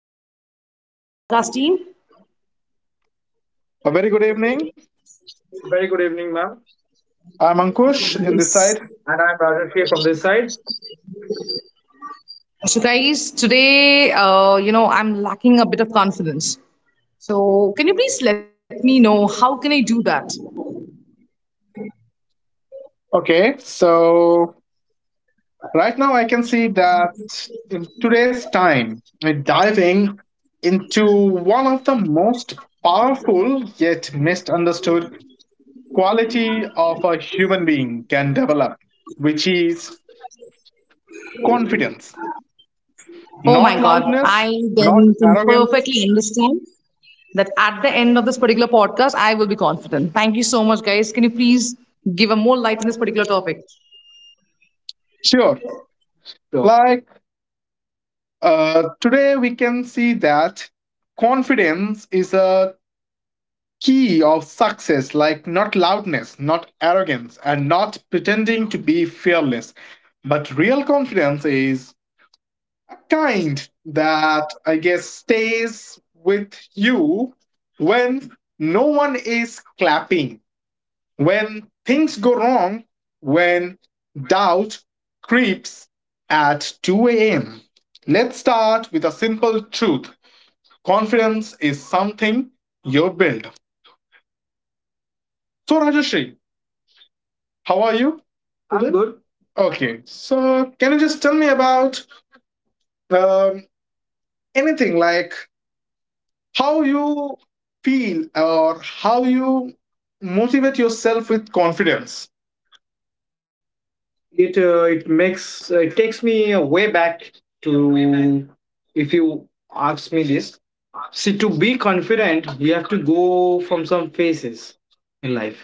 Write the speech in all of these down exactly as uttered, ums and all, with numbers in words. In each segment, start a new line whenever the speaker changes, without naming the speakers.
Rajeshri and Ankush in the podcast team.
A very good evening. Very good evening, ma'am. I'm Ankush in this side. And I'm Rajesh here from this side.
So, guys, today, uh, you know, I'm lacking a bit of confidence. So, can you please let me know how can I do that?
Okay, so right now I can see that in today's time, we're diving into one of the most powerful yet misunderstood quality of a human being can develop, which is confidence.
Oh my
Not
God,
loudness,
I
not
then can
arrogance.
perfectly understand that at the end of this particular podcast, I will be confident. Thank you so much, guys. Can you please give a more light in this particular topic?
Sure, sure. like Uh, today, we can see that confidence is a key of success, like not loudness, not arrogance, and not pretending to be fearless. But real confidence is a kind that I guess stays with you when no one is clapping, when things go wrong, when doubt creeps at two a m. Let's start with a simple truth. Confidence is something you build. So, Rajashri, how are you? I'm today? Good. Okay, so can you just tell me about um, anything like how you feel or how you motivate yourself with confidence? It uh, it makes uh, it takes me way back to if you ask me this. See, to be confident, you have to go from some phases in life.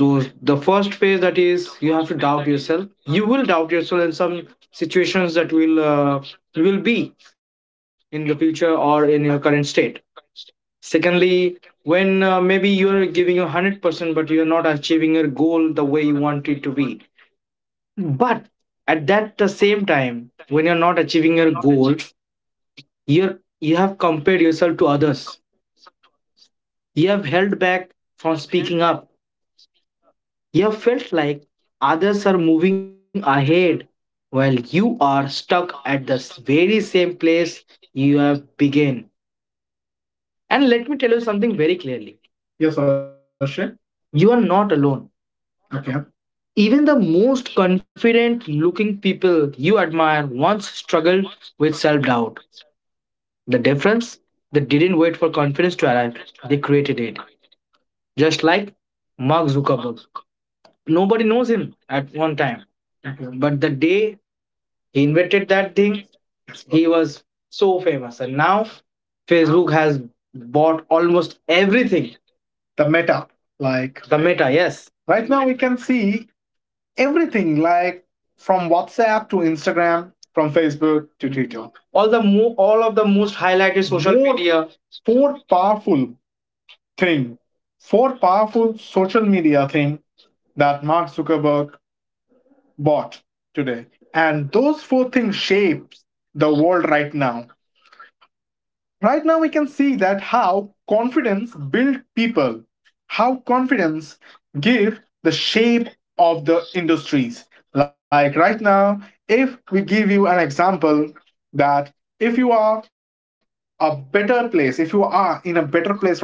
Those the first phase that is you have to doubt yourself. You will doubt yourself in some situations that will uh, you will be in the future or in your current state. Secondly, when uh, maybe you're giving your one hundred percent but you're not achieving your goal the way you want it to be, but at that the same time when you're not achieving your goal, you're you have compared yourself to others, you have held back from speaking up. You felt like others are moving ahead while you are stuck at the s- very same place you have begun. And let me tell you something very clearly. Yes, Arushi, you are not alone. Okay. Even the most confident looking people you admire once struggled with self doubt. The difference? They didn't wait for confidence to arrive, they created it. Just like Mark Zuckerberg. Nobody knows him at one time. Okay. But the day he invented that thing, he was so famous. And now Facebook has bought almost everything. The meta, like The meta, yes. Right now we can see everything, like from WhatsApp to Instagram, from Facebook to Twitter. All the mo- all of the most highlighted social More- media Four powerful thing, four powerful social media thing that Mark Zuckerberg bought today. And those four things shapes the world right now. Right now, we can see that how confidence build people, how confidence give the shape of the industries. Like right now, if we give you an example that if you are a better place, if you are in a better place right now,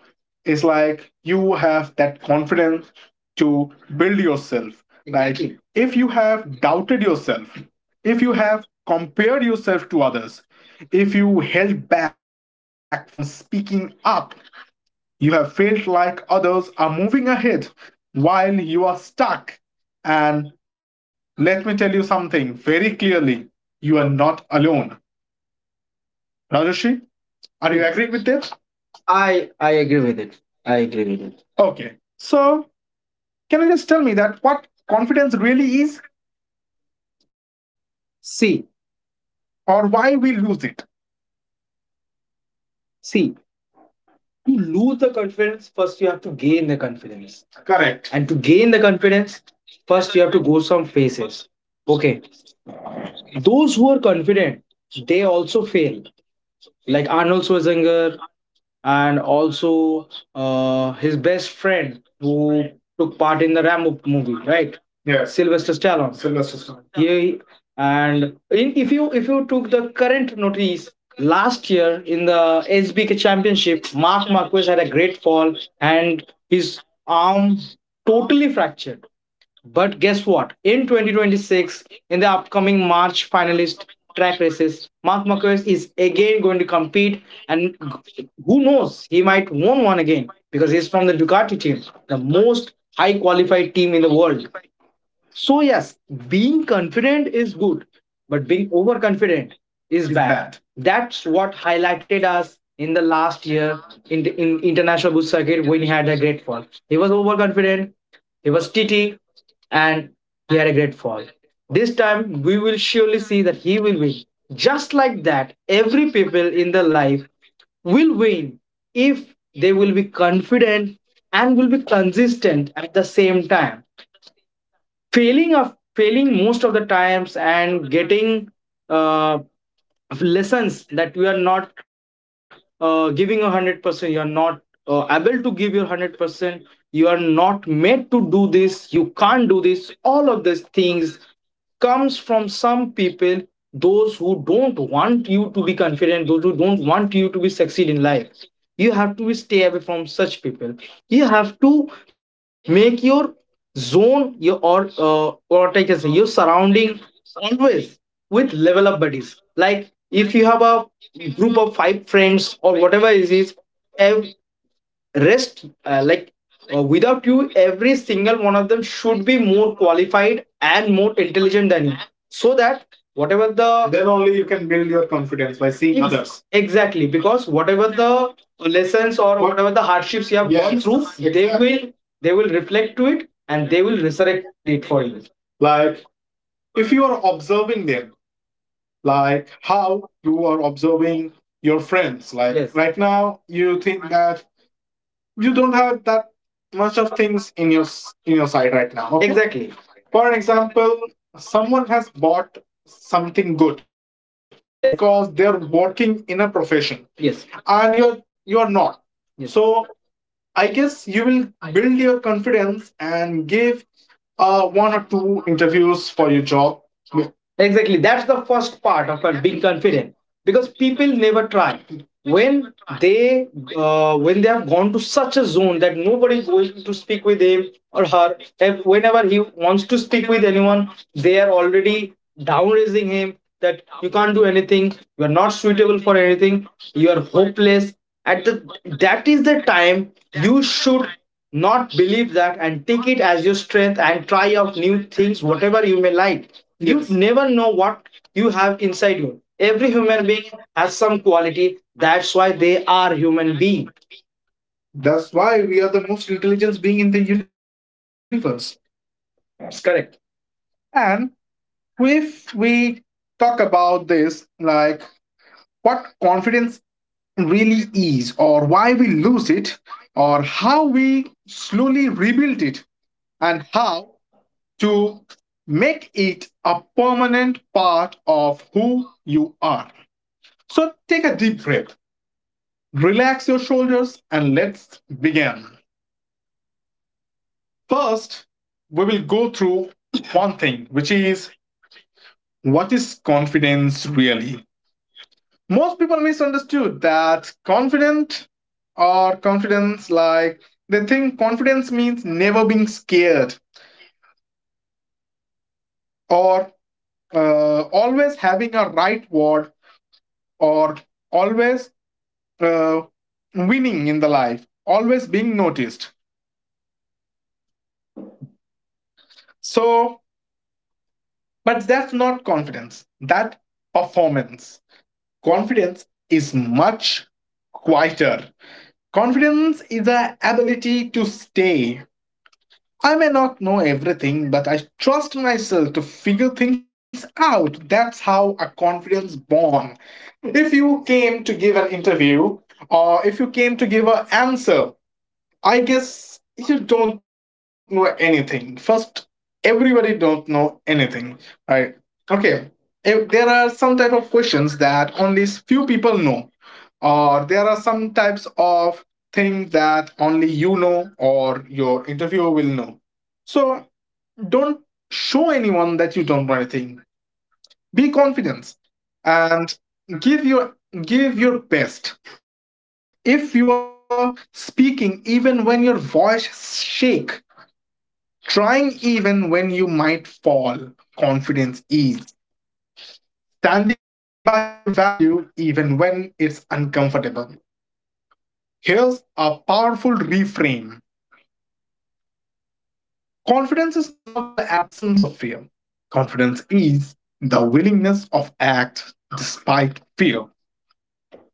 it's like you have that confidence to build yourself. Like exactly, if you have doubted yourself, if you have compared yourself to others, if you held back from speaking up, you have felt like others are moving ahead while you are stuck. And let me tell you something very clearly, you are not alone. Rajeshi, are you agreeing with this? I I agree with it. I agree with it. Okay. So, can you just tell me that what confidence really is? See, or why we lose it? See, to lose the confidence, first you have to gain the confidence. Correct. And to gain the confidence, first you have to go some phases. Okay. Those who are confident, they also fail. Like Arnold Schwarzenegger and also uh, his best friend who took part in the Rambo movie, right? Yeah, Sylvester Stallone. Sylvester Stallone. Yeah, and in if you if you took the current notice last year in the S B K Championship, Mark Marquez had a great fall and his arm totally fractured. But guess what? In twenty twenty-six, in the upcoming March finalist, track races. Mark Marquez is again going to compete, and who knows, he might win one again because he's from the Ducati team, the most high qualified team in the world. So, yes, being confident is good, but being overconfident is bad. Bad. That's what highlighted us in the last year in the in international boot circuit when he had a great fall. He was overconfident, he was titty, and he had a great fall. This time we will surely see that he will win. Just like that, every people in the life will win if they will be confident and will be consistent at the same time. Failing of failing most of the times and getting uh, lessons that you are not uh, giving a hundred percent, you are not uh, able to give your one hundred percent, you are not made to do this, you can't do this. All of these things comes from some people, those who don't want you to be confident, those who don't want you to be succeed in life. You have to stay away from such people. You have to make your zone, your or uh, what I can say, your surrounding always with level up buddies. Like if you have a group of five friends or whatever it is, ev- rest uh, like uh, without you, every single one of them should be more qualified and more intelligent than you, so that whatever the then only you can build your confidence by seeing Ex- others exactly because whatever the lessons or What- whatever the hardships you have Yes, gone Yes, through, they exactly. will they will reflect to it and they will resurrect it for you. Like if you are observing them, like how you are observing your friends, like yes, right now you think that you don't have that much of things in your s- in your side right now. Okay? Exactly. For example, someone has bought something good, yes, because they're working in a profession, yes, and you're you're not. Yes. So I guess you will build your confidence and give uh, one or two interviews for your job. Exactly. That's the first part of uh, being confident, because people never try when they uh, when they have gone to such a zone that nobody is going to speak with him or her. If- whenever he wants to speak with anyone, they are already down raising him that you can't do anything, you are not suitable for anything, you are hopeless. At the that is the time you should not believe that and take it as your strength and try out new things whatever you may like. You Yes. never know what you have inside you. Every human being has some quality. That's why they are human being. That's why we are the most intelligent being in the universe. That's correct. And if we talk about this, like what confidence really is, or why we lose it, or how we slowly rebuild it, and how to make it a permanent part of who you are. So take a deep breath, relax your shoulders, and let's begin. First, we will go through one thing, which is what is confidence really? Most people misunderstood that confident or confidence, like they think confidence means never being scared or uh, always having a right word or always uh, winning in the life, always being noticed. So but that's not confidence, that performance. Confidence is much quieter. Confidence is the ability to stay. I may not know everything, but I trust myself to figure things out. That's how a confidence born. If you came to give an interview or if you came to give an answer, I guess you don't know anything. First, everybody don't know anything, right? Okay. If there are some type of questions that only s- few people know, or there are some types of things that only you know or your interviewer will know. So don't show anyone that you don't know anything. Be confident and give your give your best. If you are speaking, even when your voice shake, trying even when you might fall, confidence is standing by your value even when it's uncomfortable. Here's a powerful reframe. Confidence is not the absence of fear, confidence is the willingness of act despite fear.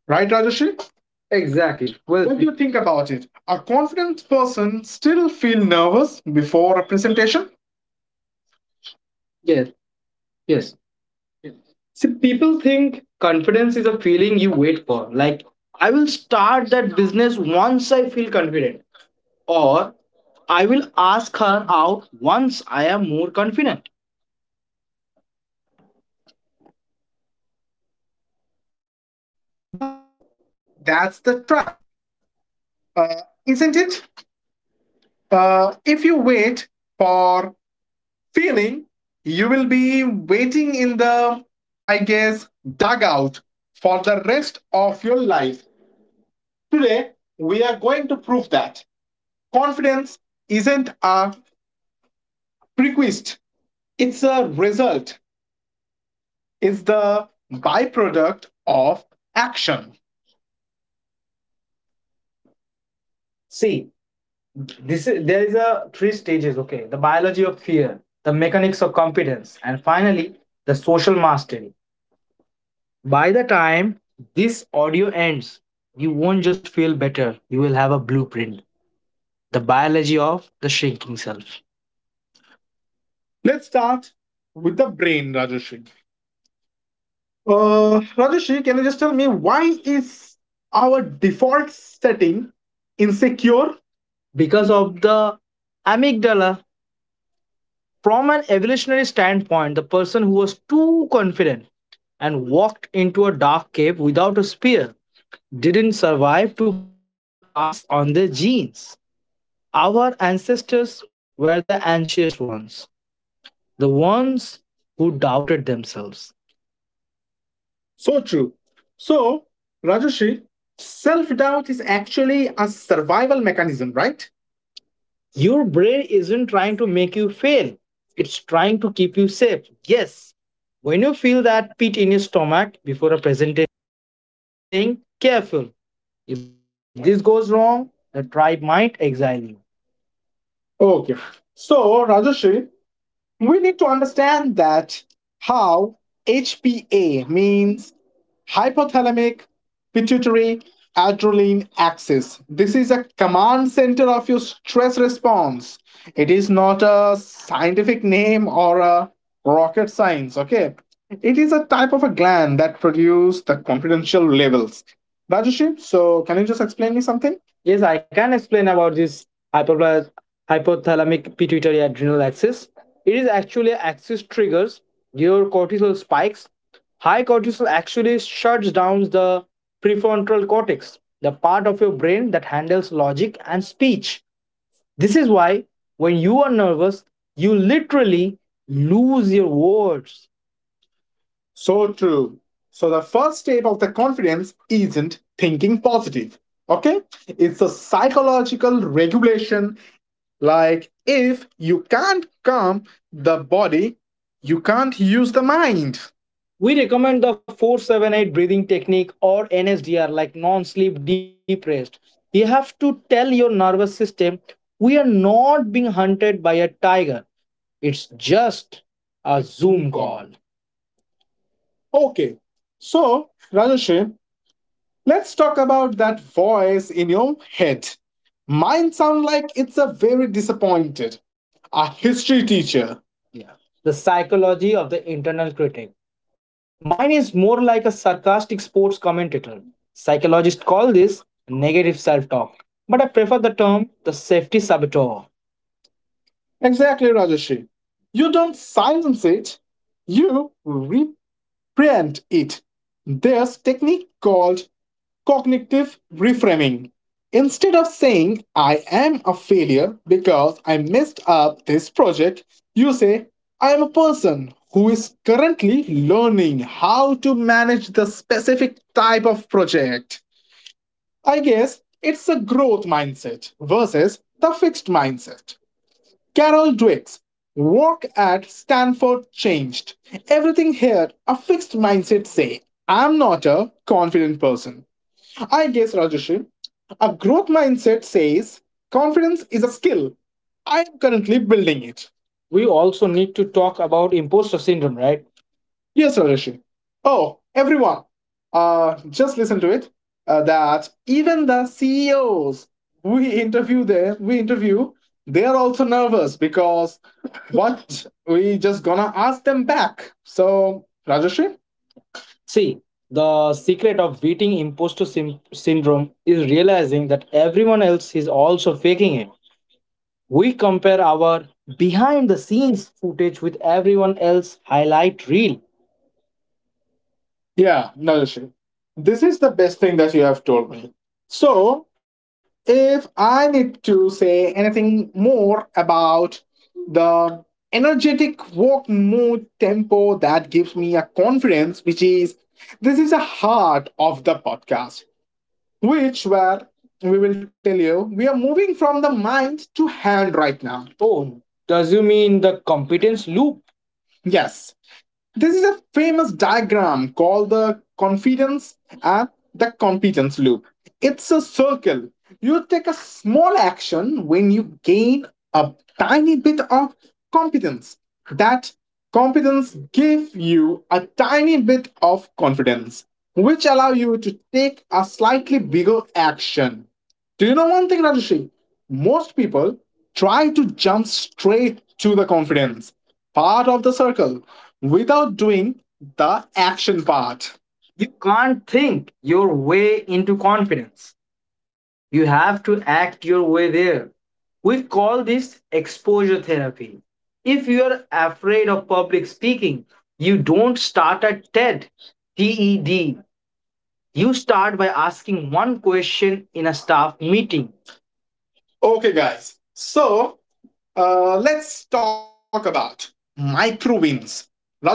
Right, Rajesh? Exactly. Well, what do you think about it? A confident person still feel nervous before a presentation? Yes, yes. See, people think confidence is a feeling you wait for. Like, I will start that business once I feel confident, or I will ask her out once I am more confident. But that's the trap, uh, isn't it? Uh, if you wait for feeling, you will be waiting in the, I guess, dugout for the rest of your life. Today, we are going to prove that confidence isn't a prerequisite, it's a result, it's the byproduct of action. See, this is there is a three stages. Okay, the biology of fear, the mechanics of competence, and finally the social mastery. By the time this audio ends, you won't just feel better. You will have a blueprint. The biology of the shrinking self. Let's start with the brain, Rajashri. Uh, Rajeshri, can you just tell me why is our default setting insecure? Because of the amygdala. From an evolutionary standpoint, the person who was too confident and walked into a dark cave without a spear didn't survive to pass on their genes. Our ancestors were the anxious ones, the ones who doubted themselves. So true. So, Rajoshri, self doubt is actually a survival mechanism, right? Your brain isn't trying to make you fail, it's trying to keep you safe. Yes, when you feel that pit in your stomach before a presentation, that's your brain saying, careful. If this goes wrong, the tribe might exile you. Okay. So, Rajoshri, we need to understand that how H P A means hypothalamic pituitary adrenaline axis. This is a command center of your stress response. It is not a scientific name or a rocket science, okay? It is a type of a gland that produces the confidential levels. Rajesh, so can you just explain me something? Yes, I can explain about this hypopla- hypothalamic pituitary adrenal axis. It is actually an axis triggers your cortisol spikes. High cortisol actually shuts down the prefrontal cortex, the part of your brain that handles logic and speech. This is why when you are nervous, you literally lose your words. So true. So the first step of the confidence isn't thinking positive. Okay? It's a psychological regulation like, if you can't calm the body, you can't use the mind. We recommend the four seven eight breathing technique or N S D R, like non sleep deep rest. You have to tell your nervous system, we are not being hunted by a tiger. It's just a Zoom call. Okay, so Rajesh, let's talk about that voice in your head. Mine sound like it's a very disappointed, a history teacher. Yeah. The psychology of the internal critic. Mine is more like a sarcastic sports commentator. Psychologists call this negative self talk, but I prefer the term the safety saboteur. Exactly, Rajeshi. You don't silence it, you reprint it. There's technique called cognitive reframing. Instead of saying, I am a failure because I messed up this project, you say, I am a person who is currently learning how to manage the specific type of project. I guess it's a growth mindset versus the fixed mindset. Carol Dweck's work at Stanford changed everything here. A fixed mindset say, I'm not a confident person. I guess, Rajesh, a growth mindset says confidence is a skill. I am currently building it. We also need to talk about imposter syndrome, right? Yes, Rajesh. Oh, everyone, uh, just listen to it. Uh, that even the C E Os we interview there, we interview, they are also nervous because what we just gonna ask them back. So, Rajesh, see, the secret of beating imposter sym- syndrome is realizing that everyone else is also faking it. We compare our behind the scenes footage with everyone else highlight reel, yeah, nourishing. This is the best thing that you have told me. So, if I need to say anything more about the energetic walk mood tempo that gives me a confidence, which is this is the heart of the podcast, which where we will tell you we are moving from the mind to hand right now. Oh, does you mean the competence loop? Yes, this is a famous diagram called the confidence and the competence loop. It's a circle. You take a small action when you gain a tiny bit of competence. That competence gives you a tiny bit of confidence, which allow you to take a slightly bigger action. Do you know one thing, Rajesh? Most people try to jump straight to the confidence part of the circle without doing the action part. You can't think your way into confidence. You have to act your way there. We call this exposure therapy. If you are afraid of public speaking, you don't start at TED, TED. You start by asking one question in a staff meeting. Okay, guys. So uh, let's talk about micro wins. Rajarshi,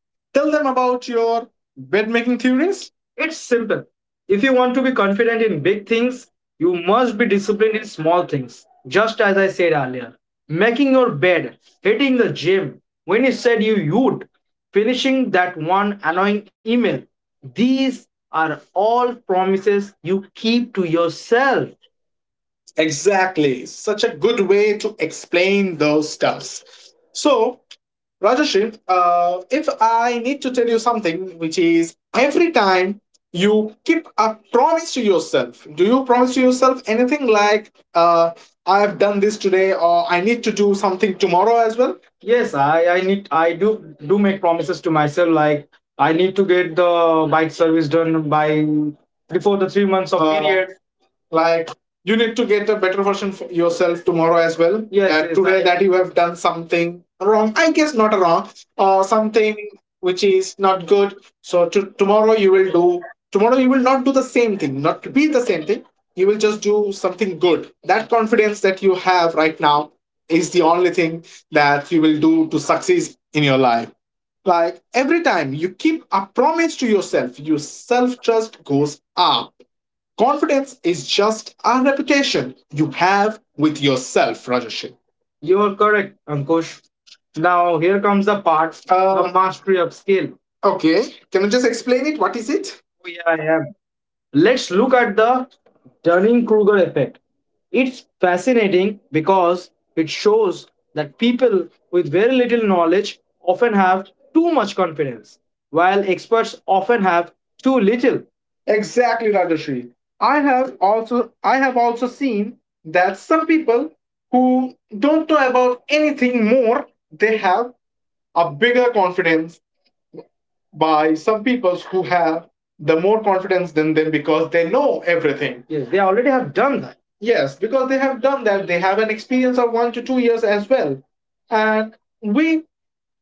tell them about your bed making theories. It's simple. If you want to be confident in big things, you must be disciplined in small things. Just as I said earlier, making your bed, hitting the gym when you said you would, finishing that one annoying email. These are all promises you keep to yourself. Exactly. Such a good way to explain those stuffs. So, Rajashri, uh, if I need to tell you something, which is every time you keep a promise to yourself, do you promise to yourself anything like, uh, I have done this today or I need to do something tomorrow as well? Yes, I, I need I do do make promises to myself like I need to get the bike service done by before the three months of Uh, period, like you need to get a better version for yourself tomorrow as well. Yes, Uh, yes, today I- that you have done something wrong, I guess not wrong or uh, something which is not good, so to, tomorrow you will do tomorrow you will not do the same thing, not to be the same thing, you will just do something good. That confidence that you have right now is the only thing that you will do to succeed in your life, like every time you keep a promise to yourself your self trust goes up. Confidence is just a reputation you have with yourself, Rajesh. You're correct, Ankush. Now here comes the part, Uh, the mastery of skill. Okay, can you just explain it? What is it? Oh, yeah, I am. Let's look at the Dunning Kruger effect. It's fascinating because it shows that people with very little knowledge often have too much confidence, while experts often have too little. Exactly, Rajashri. I have also I have also seen that some people who don't know about anything more, they have a bigger confidence by some people who have the more confidence than them because they know everything. Yes, they already have done that. Yes, because they have done that. They have an experience of one to two years as well. And we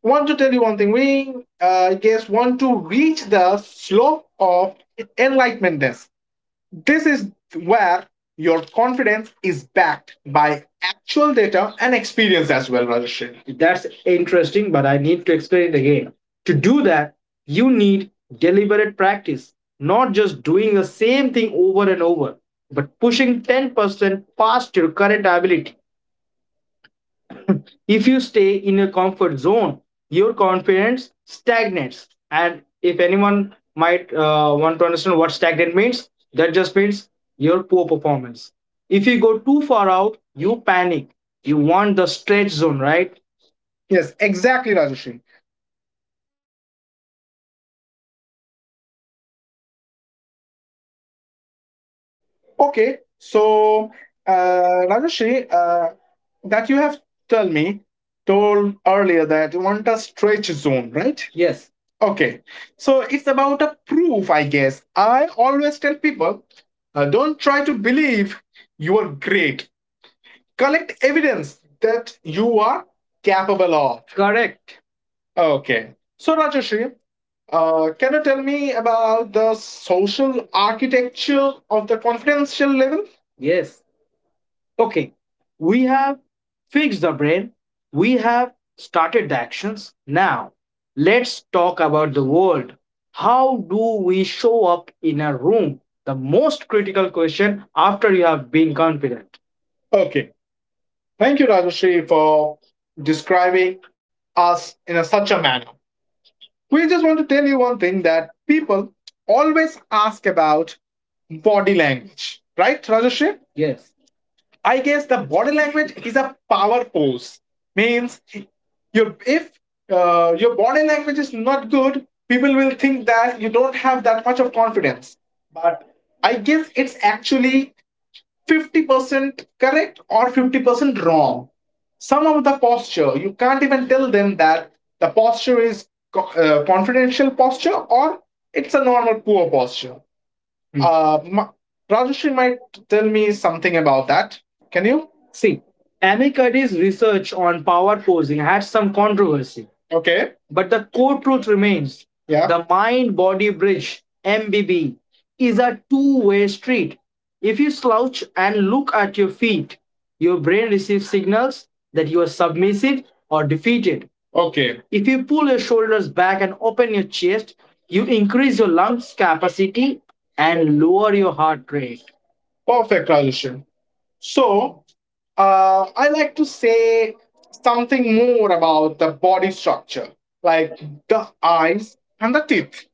want to tell you one thing. We, uh, I guess, want to reach the slope of enlightenmentness. This is where your confidence is backed by actual data and experience as well, Rajesh. That's interesting, but I need to explain it again. To do that, you need deliberate practice, not just doing the same thing over and over, but pushing ten percent past your current ability. If you stay in your comfort zone, your confidence stagnates. And if anyone might uh, want to understand what stagnant means, that just means your poor performance. If you go too far out, you panic. You want the stretch zone, right? Yes, exactly, Rajesh. Okay, so uh, Rajashree, uh, that you have told me told earlier that you want a stretch zone, right? Yes. Okay, so it's about a proof, I guess. I always tell people, uh, don't try to believe you are great. Collect evidence that you are capable of. Correct. Okay. So, Rajashree, uh, can you tell me about the social architecture of the confidential level? Yes. Okay. We have fixed the brain. We have started the actions. Now, let's talk about the world. How do we show up in a room? The most critical question after you have been confident. Okay. Thank you, Rajashri, for describing us in a, such a manner. We just want to tell you one thing that people always ask about body language, right, Rajashree? Yes. I guess the body language is a power pose. Means your if uh, your body language is not good, people will think that you don't have that much of confidence. But I guess it's actually fifty percent correct or fifty percent wrong. Some of the posture, you can't even tell them that the posture is co- uh, confidential posture or it's a normal poor posture. Hmm. Uh, Ma- Rajashri might tell me something about that. Can you? See, Amikadi's research on power posing had some controversy, okay, but the core truth remains, yeah, the mind body bridge, M B B, is a two way street. If you slouch and look at your feet, your brain receives signals that you are submissive or defeated. Okay. If you pull your shoulders back and open your chest, you increase your lungs capacity and lower your heart rate. Perfect, Rajesh. So, uh, I like to say something more about the body structure, like the eyes and the teeth.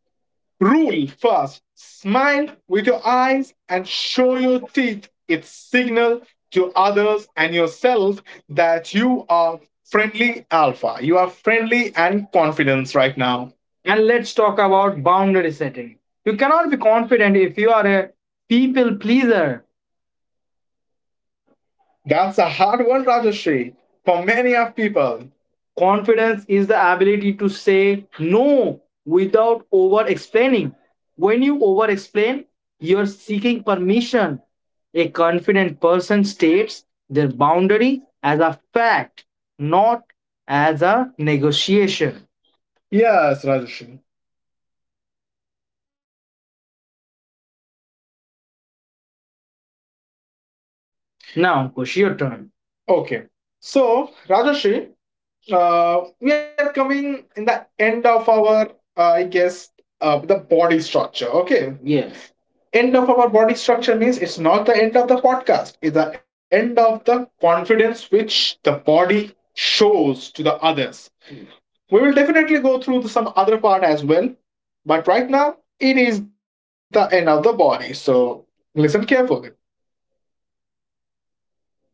Rule first, smile with your eyes and show your teeth. It's signal to others and yourself that you are friendly alpha. You are friendly and confident right now. And let's talk about boundary setting. You cannot be confident if you are a people pleaser. That's a hard one, Rajashri. For many of people, confidence is the ability to say no without over explaining. When you over explain, you're seeking permission. A confident person states their boundary as a fact, not as a negotiation. Yes, Rajashri. Now, it's your turn. Okay. So, Rajashri, uh, we are coming in the end of our uh, i guess uh, the body structure, okay? Yes. End of our body structure means it's not the end of the podcast, it's the end of the confidence which the body shows to the others. Hmm. We will definitely go through the- some other part as well, but right now it is the end of the body, so listen carefully.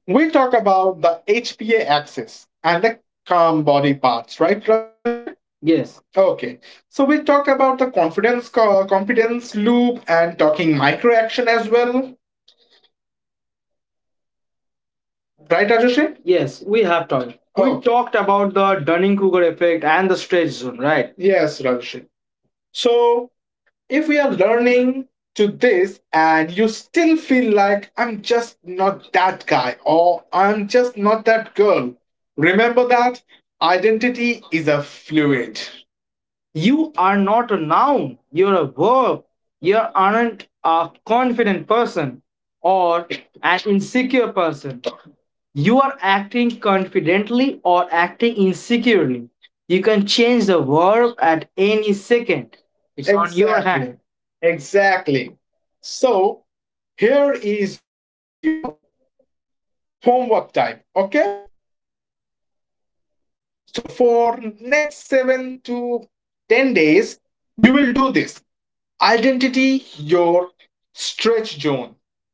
We'll talk about the H P A axis and the calm body parts, right, Rajesh? Yes. Okay, so we talk about the confidence co- competence loop and talking micro action as well, right, Rajesh? Yes, we have talked. Oh. We Oh, talked about the Dunning Kruger effect and the stretch zone, right? Yes, Rajesh. So if we are learning to this and you still feel like I'm just not that guy or I'm just not that girl, remember that identity is a fluid. You are not a noun, you're a verb. You aren't a confident person or an insecure person, you are acting confidently or acting insecurely. You can change the verb at any second. It's on your, exactly, hand. Exactly. So here is your homework time. Okay. So for next seven to ten days, you will do this identity, your stretch zone,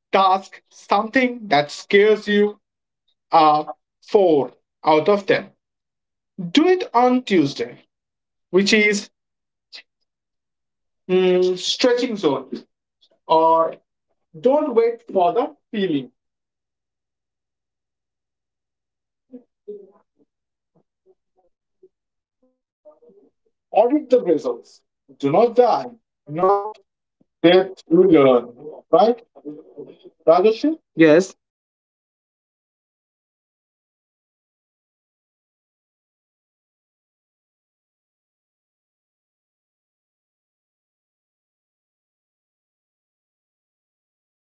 task, something that scares you. Uh, Four out of ten. Do it on Tuesday, which is mm, stretching zone, or don't wait for the feeling audit the results do not die not that you learn, right Rajesh? Yes. See, a confident person still feels nervous before a presentation, still feels insecure sometimes, still doubts themselves occasionally, but they don't let